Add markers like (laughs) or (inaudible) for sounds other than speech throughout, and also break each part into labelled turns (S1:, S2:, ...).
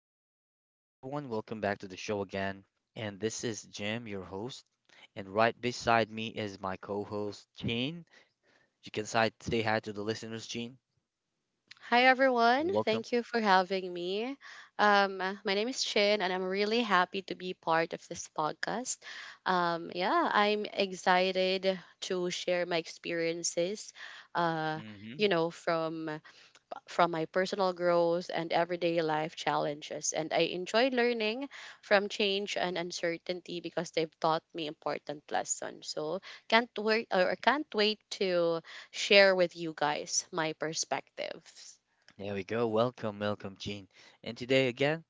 S1: Good morning, everyone. Welcome back to the show again. And this is Jim, your host. And right beside me is my co-host, Gene. You can say hi to the listeners, Gene.
S2: Hi
S1: And
S2: everyone,
S1: welcome.
S2: thank you for having me. My name is Chin, and I'm really happy to be part of this podcast. Yeah, I'm excited to share my experiences. Uh,
S1: Hmm.
S2: from my personal growth and everyday life challenges, and I enjoy learning from change and uncertainty because they've taught me important lessons. So can't wait or can't wait to share with you guys my perspectives.
S1: There we go. Welcome, welcome, Gene. And today again,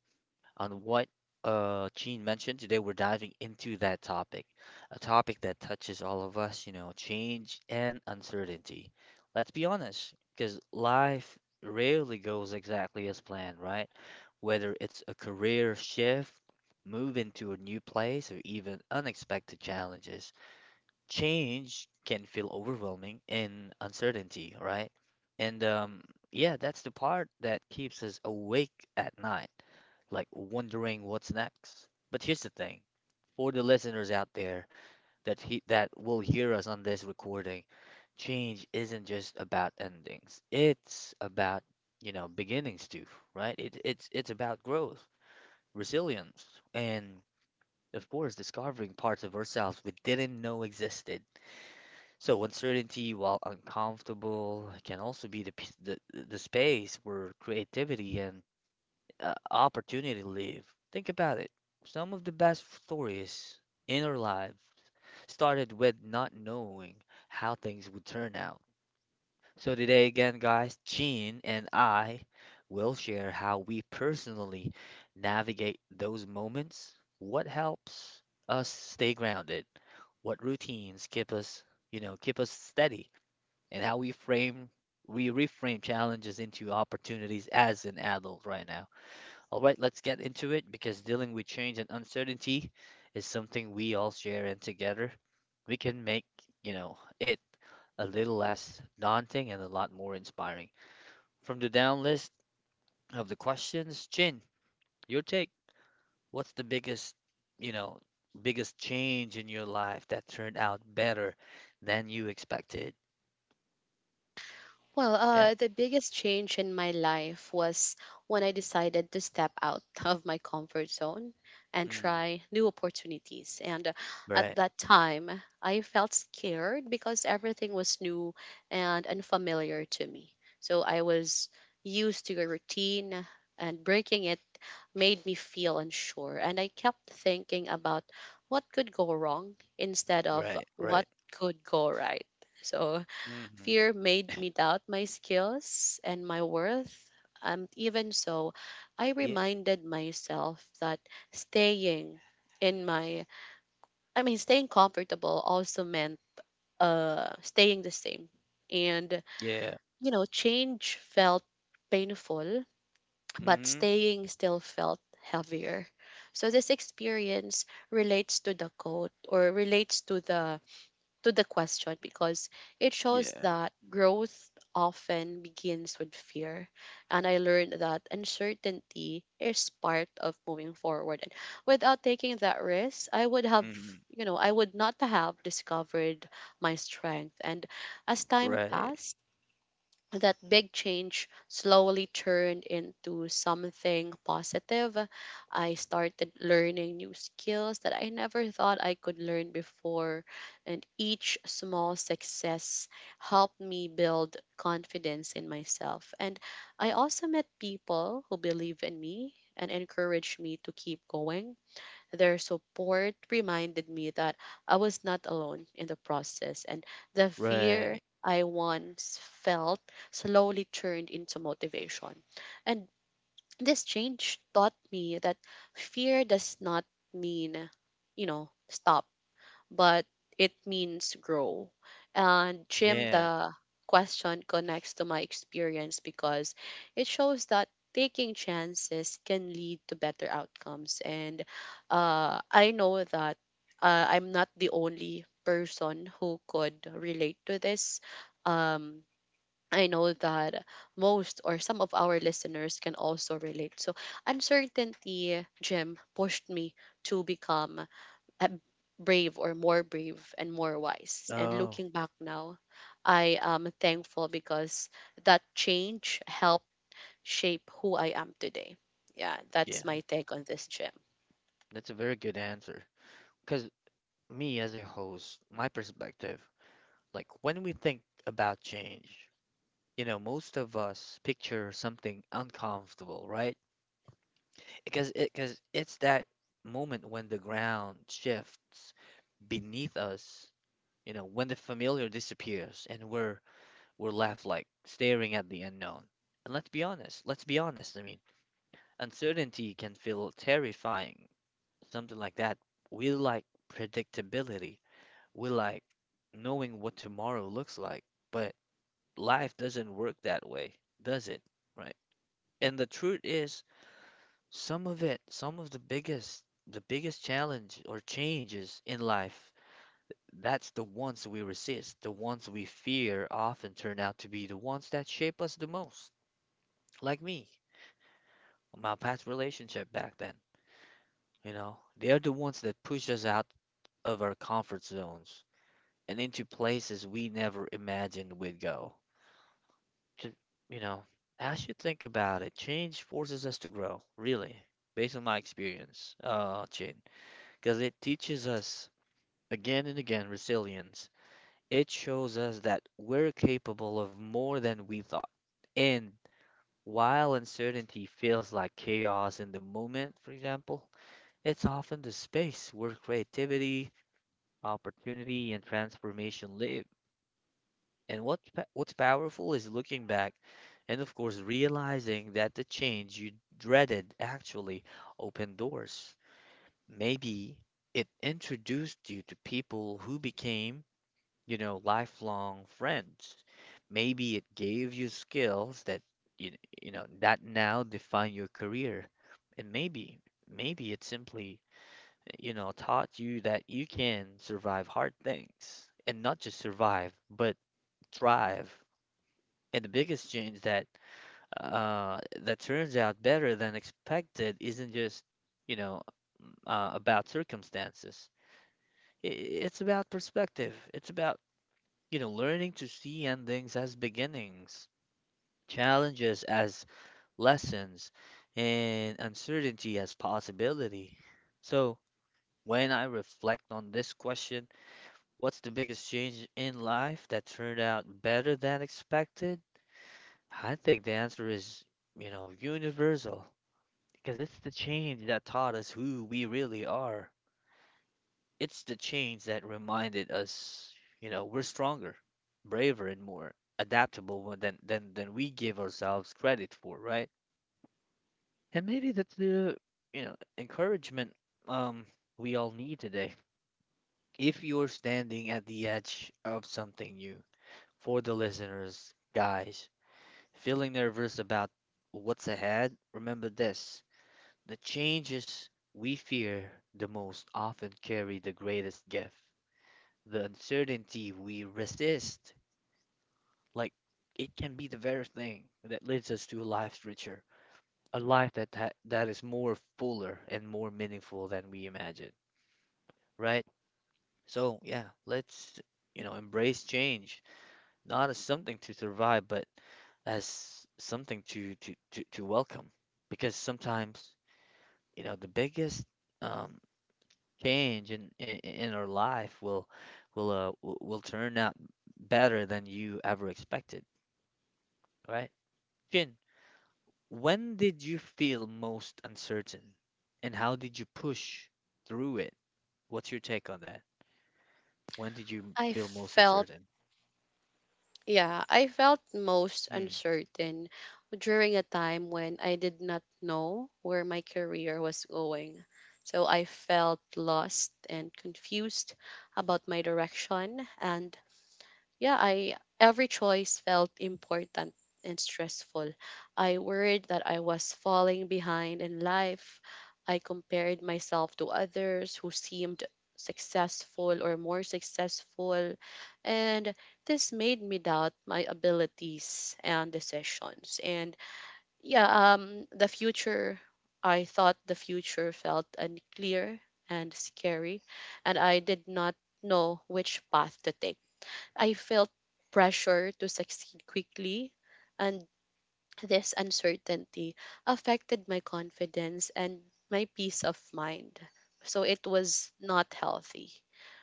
S1: on what Gene mentioned. Today, we're diving into that topic, a topic that touches all of us, you know, change and uncertainty. Let's be honest, because life rarely goes exactly as planned, right? Whether it's a career shift, move into a new place, or even unexpected challenges, change can feel overwhelming and uncertainty, right? And yeah, that's the part that keeps us awake at night like wondering what's next. But here's the thing, for the listeners out there that will hear us on this recording, change isn't just about endings. It's about, you know, beginnings too, right? It's about growth, resilience, and of course, discovering parts of ourselves we didn't know existed. So uncertainty, while uncomfortable, can also be the space where creativity and opportunity live. Think about it. Some of the best stories in our lives started with not knowing how things would turn out. So today again, guys, Gene and I will share how we personally navigate those moments, what helps us stay grounded, what routines keep us, you know, keep us steady, and how we frame we reframe challenges into opportunities as an adult right now. All right, let's get into it because dealing with change and uncertainty is something we all share, and together we can make, you know, it a little less daunting and a lot more inspiring. From the down list of the questions, Chin, your take. What's the biggest, you know, biggest change in your life that turned out better than you expected?
S2: Well,
S1: Yeah.
S2: the biggest change in my life was when I decided to step out (laughs) of my comfort zone and
S1: Mm,
S2: try new opportunities. And at
S1: right,
S2: that time, I felt scared because everything was new and unfamiliar to me. So I was used to a routine, and breaking it made me feel unsure. And I kept thinking about what could go wrong instead of
S1: right,
S2: what
S1: right.
S2: could go right. So
S1: Hmm.
S2: fear made me doubt my skills and my worth. And even so, I
S1: Yeah,
S2: reminded myself that staying in my, I mean, staying comfortable also meant staying the same. And,
S1: yeah.
S2: you know, change felt painful, but
S1: Hmm.
S2: staying still felt heavier. So this experience relates to the quote or relates to the question because it shows
S1: Yeah.
S2: that growth often begins with fear. And I learned that uncertainty is part of moving forward. And without taking that risk, I would have,
S1: Hmm.
S2: you know, I would not have discovered my strength. And as time
S1: Right.
S2: passed, that big change slowly turned into something positive. I started learning new skills that I never thought I could learn before, and each small success helped me build confidence in myself. And I also met people who believe in me and encourage me to keep going. Their support reminded me that I was not alone in the process, and the
S1: Right.
S2: fear I once felt slowly turned into motivation. And this change taught me that fear does not mean, you know, stop but it means grow. And Jim,
S1: Yeah.
S2: the question connects to my experience because it shows that taking chances can lead to better outcomes. And I know that I'm not the only person who could relate to this. Um, I know that most or some of our listeners can also relate. So, uncertainty, Jim, pushed me to become uh, brave or more brave and more wise. And
S1: Oh,
S2: looking back now, I am thankful because that change helped shape who I am today. Yeah, that's my
S1: yeah.
S2: take on this, Jim.
S1: That's a very good answer. Because me as a host, my perspective, like when we think about change, you know, most of us picture something uncomfortable, right? Because it's that moment when the ground shifts beneath us, you know, when the familiar disappears and we're left like staring at the unknown. And let's be honest, let's be honest. I mean, uncertainty can feel terrifying something like that. We like predictability. We like knowing what tomorrow looks like, but life doesn't work that way, does it? Right? And the truth is, some of the biggest challenge or changes in life, that's the ones we resist. The ones we fear often turn out to be the ones that shape us the most. Like me, my past relationship back then, you know, they're the ones that push us out of our comfort zones and into places we never imagined we'd go. Ju- you know, as you think about it, change forces us to grow, really, based on my experience, Chin, because it teaches us again and again resilience. It shows us that we're capable of more than we thought. And while uncertainty feels like chaos in the moment, for example, it's often the space where creativity, opportunity, and transformation live. And what's powerful is looking back and of course realizing that the change you dreaded actually opened doors. Maybe it introduced you to people who became, you know, lifelong friends. Maybe it gave you skills that you, you know that now define your career. And maybe maybe it simply, you know, taught you that you can survive hard things and not just survive, but thrive. And the biggest change that that turns out better than expected isn't just, you know, about circumstances. I- It's about perspective. It's about, you know, learning to see endings as beginnings, challenges as lessons, and uncertainty as possibility. So, when I reflect on this question, what's the biggest change in life that turned out better than expected? I think the answer is, you know, universal, because it's the change that taught us who we really are. It's the change that reminded us, you know, we're stronger, braver, and more adaptable than we give ourselves credit for, right? And maybe that's the, you know, encouragement um we all need today. If you're standing at the edge of something new, for the listeners, guys, feeling nervous about what's ahead, remember this. The changes we fear the most often carry the greatest gift. The uncertainty we resist, like it can be the very thing that leads us to a life richer, a life that is more fuller and more meaningful than we imagine, right? So yeah, let's you know embrace change, not as something to survive, but as something to welcome, because sometimes you know the biggest um change in our life will will turn out better than you ever expected, right? Jin, when did you feel most uncertain, and how did you push through it? What's your take on that? When did you
S2: I
S1: feel most
S2: felt,
S1: uncertain?
S2: yeah, I felt most
S1: Mm.
S2: uncertain during a time when I did not know where my career was going. So I felt lost and confused about my direction and yeah, I every choice felt important and stressful. I worried that I was falling behind in life. I compared myself to others who seemed successful or more successful, and this made me doubt my abilities and decisions. And yeah, the future. I thought the future felt unclear and scary, and I did not know which path to take. I felt pressure to succeed quickly, and this uncertainty affected my confidence and my peace of mind. So it was not healthy.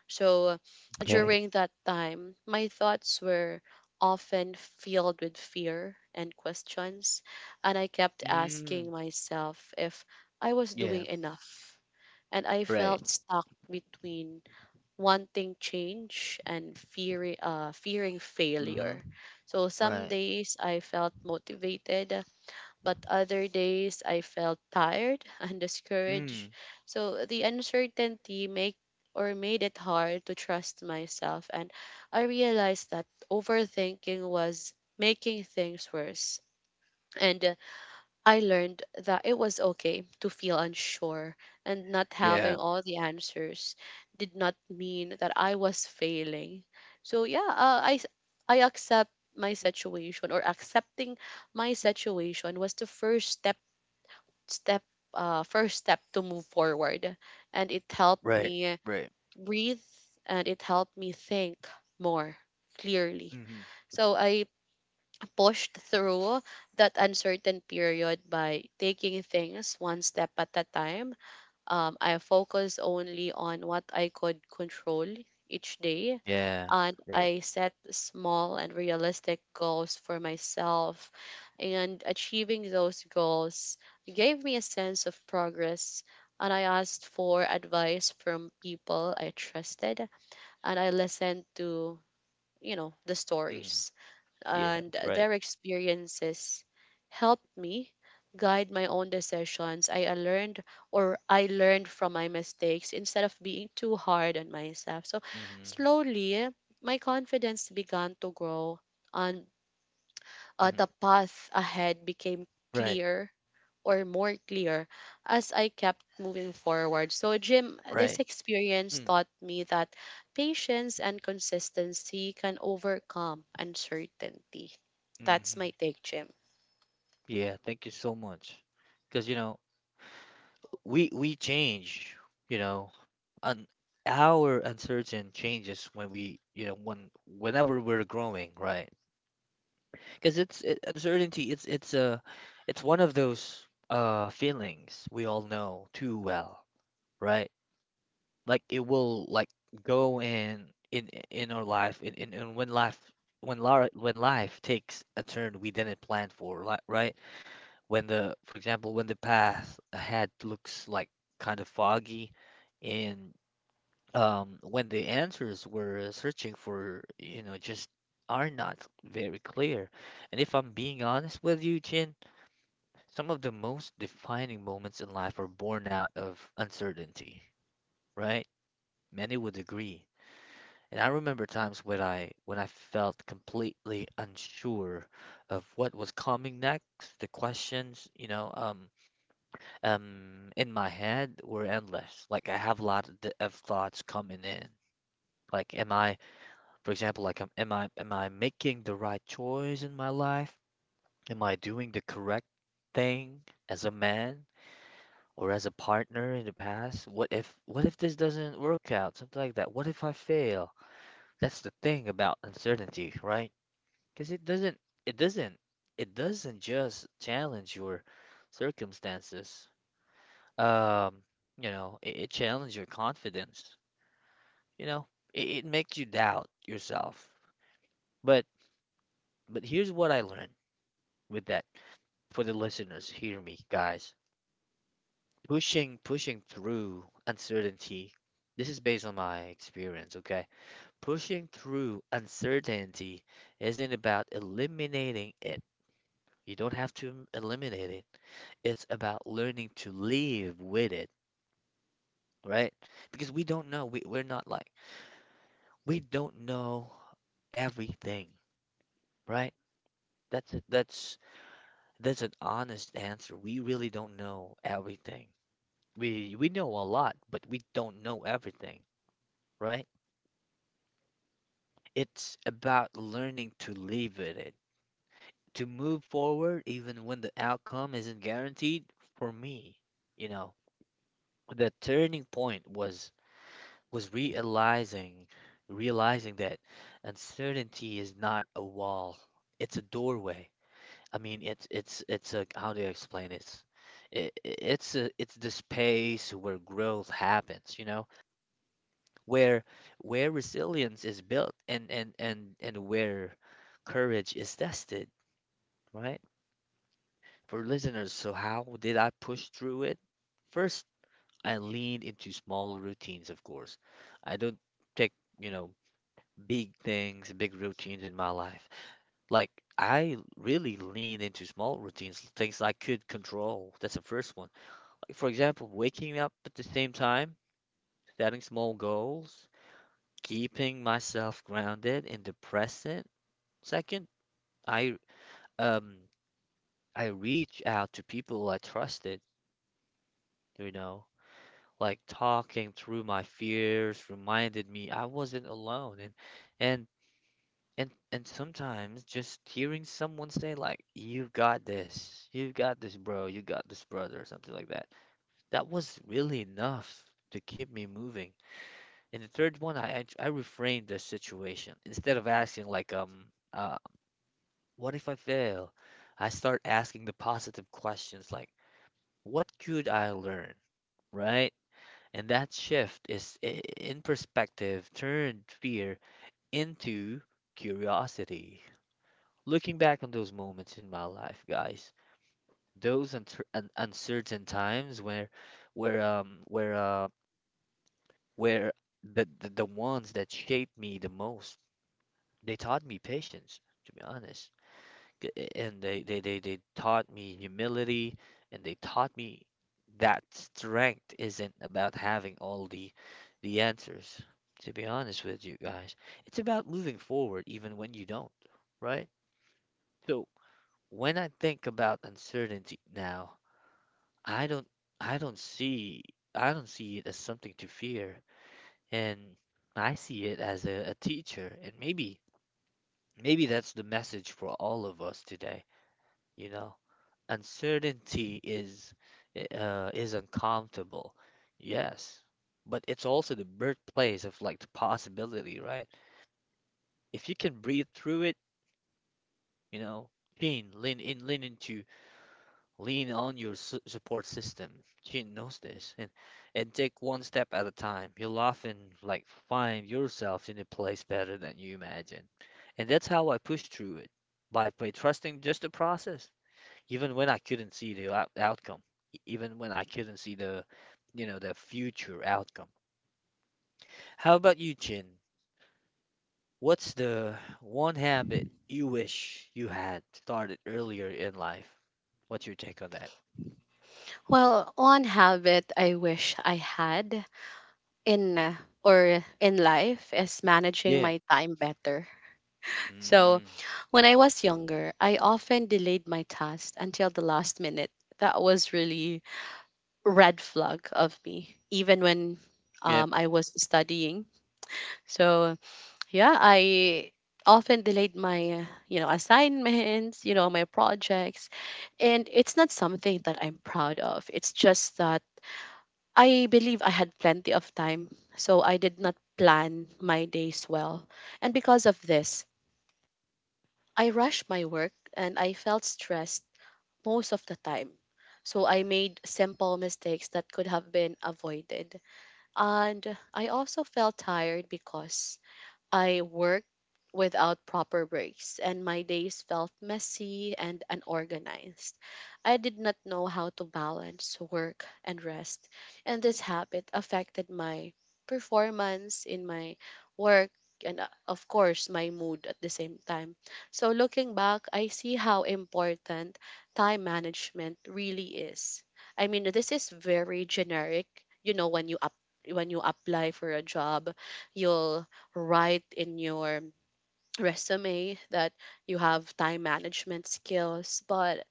S2: So
S1: Okay.
S2: during that time, my thoughts were often filled with fear and questions, and I kept asking
S1: Mm.
S2: myself if I was doing
S1: Yeah.
S2: enough. And I
S1: Right.
S2: felt stuck between wanting change and fearing
S1: Mm-hmm.
S2: failure. So some
S1: Right.
S2: days I felt motivated, but other days I felt tired (laughs) and
S1: Mm.
S2: discouraged. So the uncertainty make or made it hard to trust myself, and I realized that overthinking was making things worse. And I learned that it was okay to feel unsure and not
S1: Yeah.
S2: having all the answers did not mean that I was failing. So yeah, I accept my situation or accepting my situation was the first step step first step to move forward, and it helped
S1: Right.
S2: me
S1: Right.
S2: breathe and it helped me think more clearly.
S1: Mm-hmm.
S2: So I pushed through that uncertain period by taking things one step at a time. I focused only on what I could control each day,
S1: Yeah.
S2: and
S1: Right.
S2: I set small and realistic goals for myself. And achieving those goals gave me a sense of progress. And I asked for advice from people I trusted, and I listened to, you know, the
S1: Mm-hmm.
S2: stories
S1: Yeah.
S2: and
S1: Right.
S2: their experiences helped me guide my own decisions. I learned from my mistakes instead of being too hard on myself. So
S1: Mm-hmm.
S2: slowly my confidence began to grow and the
S1: Mm-hmm.
S2: path ahead became
S1: Right.
S2: clear or more clear as I kept moving forward. So, Jim, this
S1: Right.
S2: experience taught me that patience and consistency can overcome uncertainty. That's
S1: Hmm.
S2: my take, Jim.
S1: Yeah, thank you so much. Because you know, we change, you know, and our uncertain changes when we, you know, when whenever we're growing, right? Because uncertainty. It's one of those feelings we all know too well, right? Like it will like go in our life in when life when life when life takes a turn we didn't plan for, right? When the, for example, when the path ahead looks like kind of foggy, and when the answers we're searching for, you know, just are not very clear. And if I'm being honest with you, Jin, some of the most defining moments in life are born out of uncertainty, right? Many would agree. And I remember times when I felt completely unsure of what was coming next, the questions, you know, in my head were endless. Like I have a lot of, thoughts coming in. Like, for example, like, am I making the right choice in my life? Am I doing the correct thing as a man or as a partner in the past? What if this doesn't work out? Something like that. What if I fail? That's the thing about uncertainty, right? Because it doesn't it doesn't just challenge your circumstances. Um, you know, it challenges your confidence. You know, it makes you doubt yourself. But but here's what I learned with that for the listeners. Hear me, guys. Pushing through uncertainty. This is based on my experience, okay? Pushing through uncertainty isn't about eliminating it. You don't have to eliminate it. It's about learning to live with it, right? Because we don't know. We, we're not like we don't know everything, right? That's an honest answer. We really don't know everything. We know a lot, but we don't know everything, right? It's about learning to live with it, to move forward even when the outcome isn't guaranteed for me. You know, the turning point was was realizing realizing that uncertainty is not a wall, it's a doorway. I mean, it's a how do you explain it? It's the space where growth happens, you know, where resilience is built and where courage is tested, right? For listeners, so how did I push through it? First, I leaned into small routines, of course. I don't take, you know, big things, big routines in my life. Like I really lean into small routines, things I could control. That's the first one. For example, waking up at the same time, setting small goals, keeping myself grounded in the present. Second, I um I reach out to people I trusted, you know, like talking through my fears reminded me I wasn't alone and and sometimes just hearing someone say like you've got this bro, you got this brother or something like that. That was really enough to keep me moving. And the third one, I reframe the situation. Instead of asking like, uh, what if I fail? I start asking the positive questions like, what could I learn, right? And that shift is I- in perspective turned fear into curiosity. Looking back on those moments in my life, guys, those uncertain times where um, where uh, where the ones that shaped me the most. They taught me patience, to be honest, and they taught me humility, and they taught me that strength isn't about having all the answers, to be honest with you guys. It's about moving forward even when you don't, right? So when I think about uncertainty now, I don't I don't see I don't see it as something to fear, and I see it as a teacher, and maybe that's the message for all of us today, you know. Uncertainty is uncomfortable, yes, but it's also the birthplace of like the possibility, right? If you can breathe through it, you know, Chin, lean in, lean into, lean on your su support system. Chin knows this, and take one step at a time. You'll often like find yourself in a place better than you imagine, and that's how I push through it by trusting just the process even when I couldn't see the outcome, even when I couldn't see the future outcome. How about you, Chin? What's the one habit you wish you had started earlier in life? What's your take on that?
S2: Well, one habit I wish I had in uh, in life is managing
S1: Yeah.
S2: my time better. So,
S1: Mm-hmm.
S2: when I was younger, I often delayed my tasks until the last minute. That was really red flag of me, even when
S1: Yep.
S2: I was studying. So yeah, I often delayed my, you know, assignments, you know, my projects, and it's not something that I'm proud of. It's just that I believe I had plenty of time, so I did not plan my days well, and because of this, I rushed my work and I felt stressed most of the time. So I made simple mistakes that could have been avoided. And I also felt tired because I worked without proper breaks, and my days felt messy and unorganized. I did not know how to balance work and rest, and this habit affected my performance in my work and, of course, my mood at the same time. So, looking back, I see how important time management really is. I mean, this is very generic, you know, when you up when you apply for a job you'll write in your resume that you have time management skills, but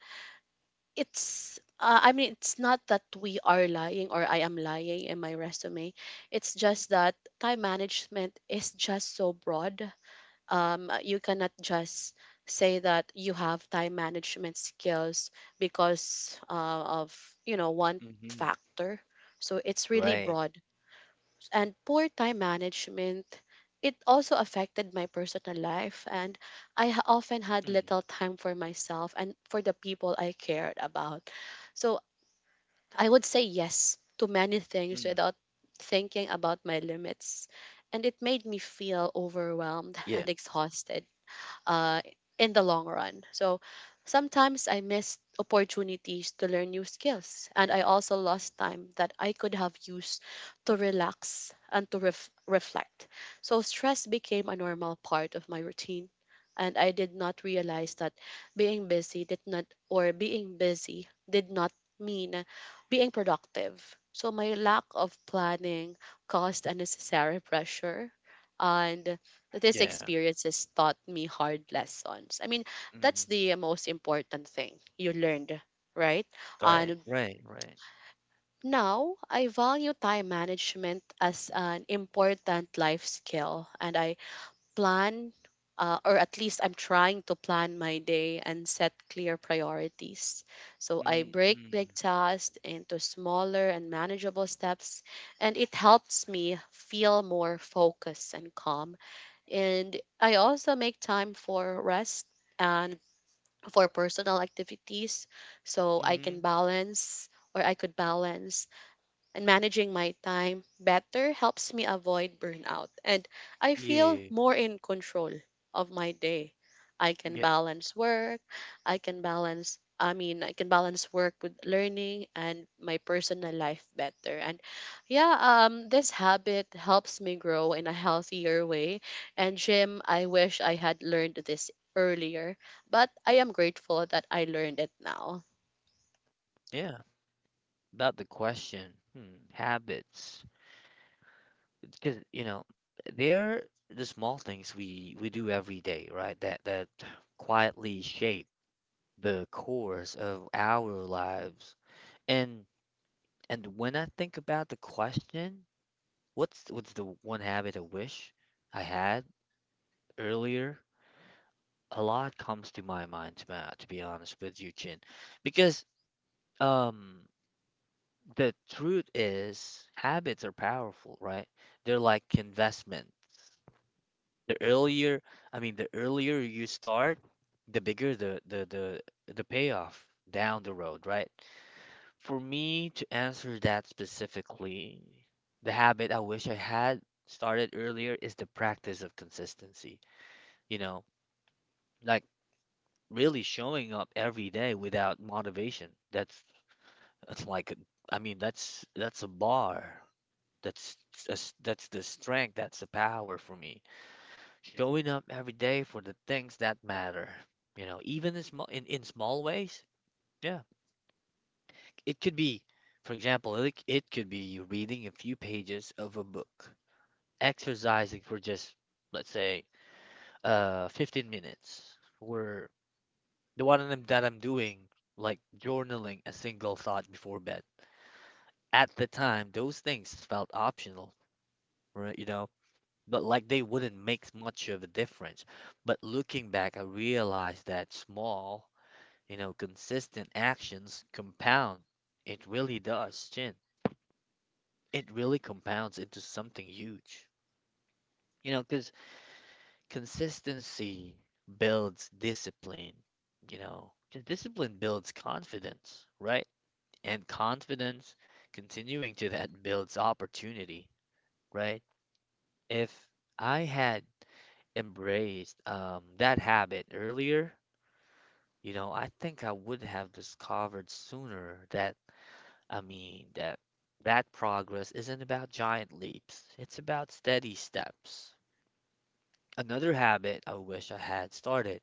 S2: it's I mean it's not that we are lying or I am lying in my resume. It's just that time management is just so broad. Um, you cannot just say that you have time management skills because of, you know, one
S1: Mm-hmm.
S2: factor. So it's really
S1: Right.
S2: broad. And poor time management, it also affected my personal life, and I often had
S1: Mm,
S2: little time for myself and for the people I cared about. So I would say yes to many things
S1: mm,
S2: without thinking about my limits. And it made me feel overwhelmed (laughs)
S1: yeah,
S2: and exhausted uh, in the long run. So sometimes I missed opportunities to learn new skills, and I also lost time that I could have used to relax and to reflect. So stress became a normal part of my routine. And I did not realize that being busy did not, being busy did not mean being productive. So my lack of planning caused unnecessary pressure. And these
S1: yeah.
S2: experiences taught me hard lessons. I mean,
S1: Mm,
S2: that's the most important thing you learned, right?
S1: right,
S2: And
S1: right, right.
S2: now I value time management as an important life skill, and I plan or at least I'm trying to plan my day and set clear priorities. So I
S1: Mm,
S2: break
S1: mm,
S2: big tasks into smaller and manageable steps, and it helps me feel more focused and calm, and I also make time for rest and for personal activities so I can
S1: mm,
S2: balance or I could balance. And managing my time better helps me avoid burnout, and I feel
S1: yeah,
S2: more in control of my day. I can
S1: yeah,
S2: balance work, I mean, I can balance work with learning and my personal life better. And yeah, this habit helps me grow in a healthier way. And Jim, I wish I had learned this earlier, but I am grateful that I learned it now.
S1: yeah. About the question, hmm, habits. Because, you know, they're the small things we do every day, right? That quietly shape the course of our lives. And when I think about the question, what's the one habit I wish I had earlier? A lot comes to my mind, to be honest with you, Chin, because um the truth is habits are powerful, right? They're like investment. The earlier, I mean the earlier you start, the bigger the payoff down the road, right? For me to answer that specifically, the habit I wish I had started earlier is the practice of consistency, you know, like really showing up every day without motivation. That's that's like i mean that's that's a bar. That's that's that's the strength, that's the power for me, showing up every day for the things that matter. You know, even in small in small ways. Yeah, it could be, for example, it could be reading a few pages of a book, exercising for just let's say 15 minutes, or the one of them that I'm doing, like journaling a single thought before bed. At the time, those things felt optional, right? You know, but like they wouldn't make much of a difference. But looking back, I realized that small, you know, consistent actions compound. It really does, Chin. It really compounds into something huge. You know, because consistency builds discipline, you know, 'cause discipline builds confidence, right? And confidence, continuing to that, builds opportunity, right? If I had embraced that habit earlier, you know, I think I would have discovered sooner that, I mean, that progress isn't about giant leaps, it's about steady steps. Another habit I wish I had started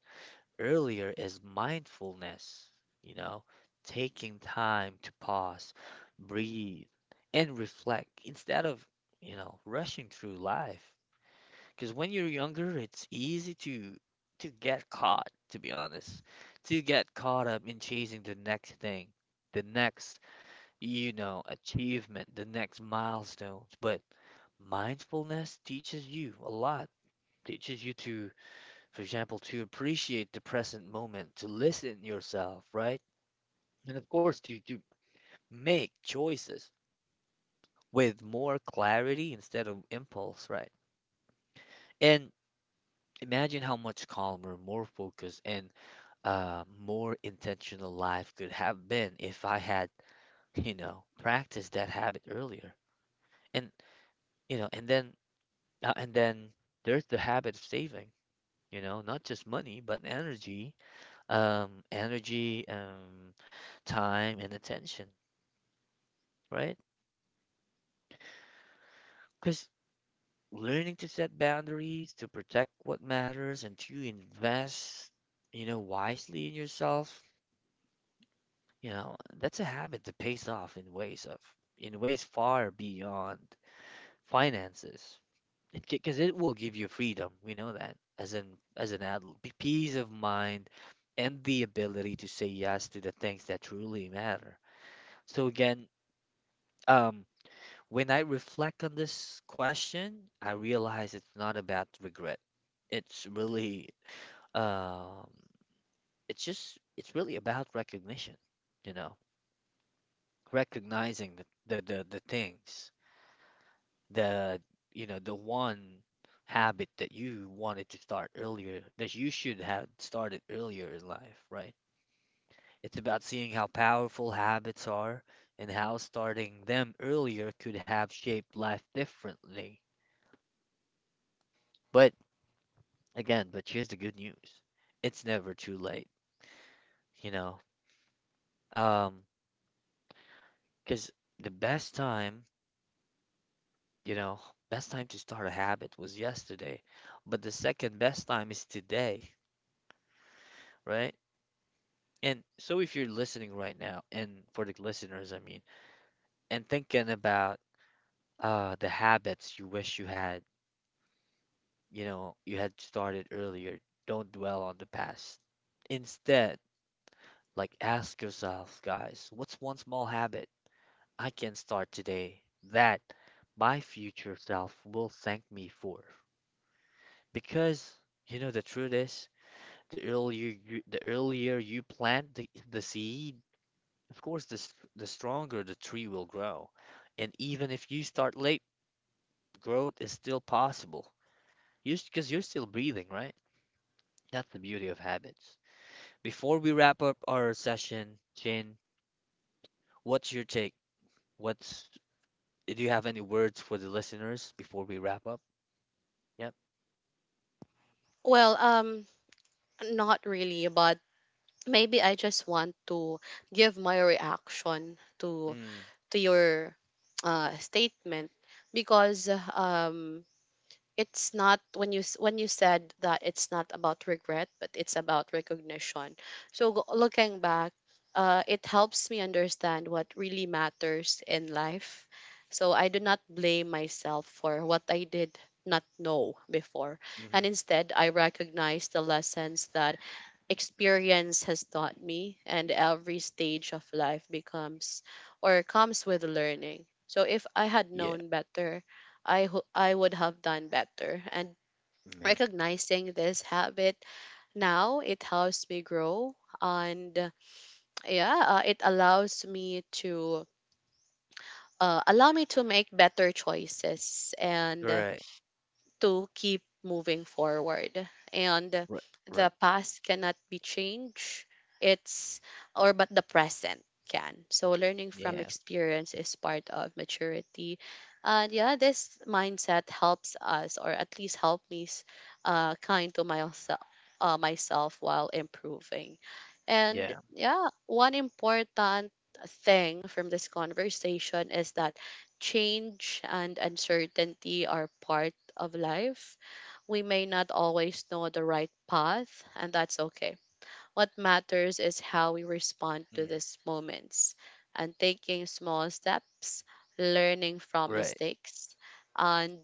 S1: earlier is mindfulness, you know, taking time to pause, breathe, and reflect instead of, you know, rushing through life. Because when you're younger, it's easy to get caught, to be honest, to get caught up in chasing the next thing, the next, you know, achievement, the next milestones. But mindfulness teaches you a lot. Teaches you to, for example, to appreciate the present moment, to listen yourself, right? And of course, to make choices with more clarity instead of impulse, right? And imagine how much calmer, more focused, and more intentional life could have been if I had, you know, practiced that habit earlier. And you know, and then Uh, and then there's the habit of saving, you know, not just money, but energy, um, energy, um, time, and attention, right? Because learning to set boundaries, to protect what matters, and to invest, you know, wisely in yourself, you know, that's a habit that pays off in ways far beyond finances. It, because it will give you freedom. We know that as an adult, peace of mind, and the ability to say yes to the things that truly matter. So again, um, when I reflect on this question, I realize it's not about regret. It's really, um, it's really about recognition. You know, recognizing the things, the the one habit that you wanted to start earlier, that you should have started earlier in life, right? It's about seeing how powerful habits are and how starting them earlier could have shaped life differently. But again, but here's the good news, it's never too late, you know. um because the best time, you know, best time to start a habit was yesterday, but the second best time is today, right? And so if you're listening right now, and for the listeners, I mean, and thinking about the habits you wish you had, you know, you had started earlier, don't dwell on the past. Instead, like ask yourself, guys, what's one small habit I can start today that my future self will thank me for? Because you know the truth is, the earlier you plant the seed. Of course, the stronger the tree will grow. And even if you start late, growth is still possible. You, because you're still breathing, right? That's the beauty of habits. Before we wrap up our session, Jin, what's your take? What's, do you have any words for the listeners before we wrap up? Yep.
S2: Well, not really, but maybe I just want to give my reaction to
S1: Mm,
S2: your statement because um, it's not when you when you said that it's not about regret but it's about recognition. So looking back, it helps me understand what really matters in life. So I do not blame myself for what I did not know before, and
S1: mm-hmm.
S2: instead I recognize the lessons that experience has taught me, and every stage of life becomes or comes with learning. So if I had
S1: Yeah,
S2: known better, I would have done better. And
S1: man.
S2: recognizing this habit now, it helps me grow. And yeah it allows me to allow me to make better choices and
S1: Right.
S2: to keep moving forward. And
S1: Right. Right.
S2: the past cannot be changed. It's or but the present can. So learning from
S1: Yeah.
S2: experience is part of maturity. And yeah, this mindset helps us or at least help me kind to myself myself while improving. And
S1: Yeah.
S2: yeah, one important thing from this conversation is that change and uncertainty are part of life. We may not always know the right path, and that's okay. What matters is how we respond to
S1: Mm,
S2: these moments and taking small steps, learning from
S1: right.
S2: mistakes, and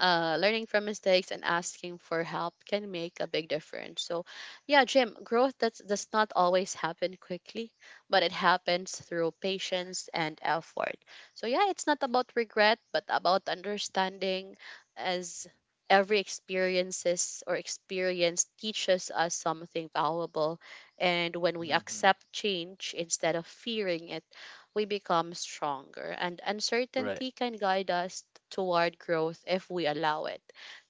S2: asking for help can make a big difference. So, yeah, Jim, growth does not always happen quickly, but it happens through patience and effort. So, yeah, it's not about regret, but about understanding, as every experiences or experience teaches us something valuable. And when we
S1: Mm-hmm.
S2: accept change instead of fearing it, we become stronger. And
S1: Right.
S2: uncertainty can guide us toward growth if we allow it.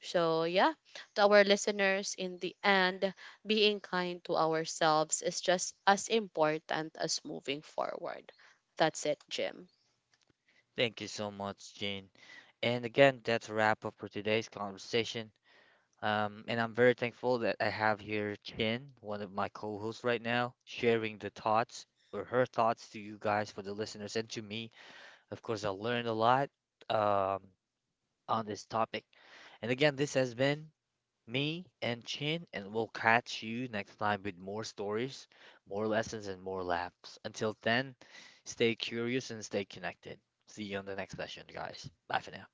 S2: So, yeah, to our listeners, in the end, being kind to ourselves is just as important as moving forward. That's it, Jim.
S1: Thank you so much, Jane. And again, that's a wrap up for today's conversation. And I'm very thankful that I have here Chin, one of my co-hosts right now, sharing the thoughts or her thoughts to you guys, for the listeners, and to me. Of course, I learned a lot, um, on this topic. And again, this has been me and Chin, and we'll catch you next time with more stories, more lessons, and more laughs. Until then, stay curious and stay connected. See you on the next session, guys. Bye for now.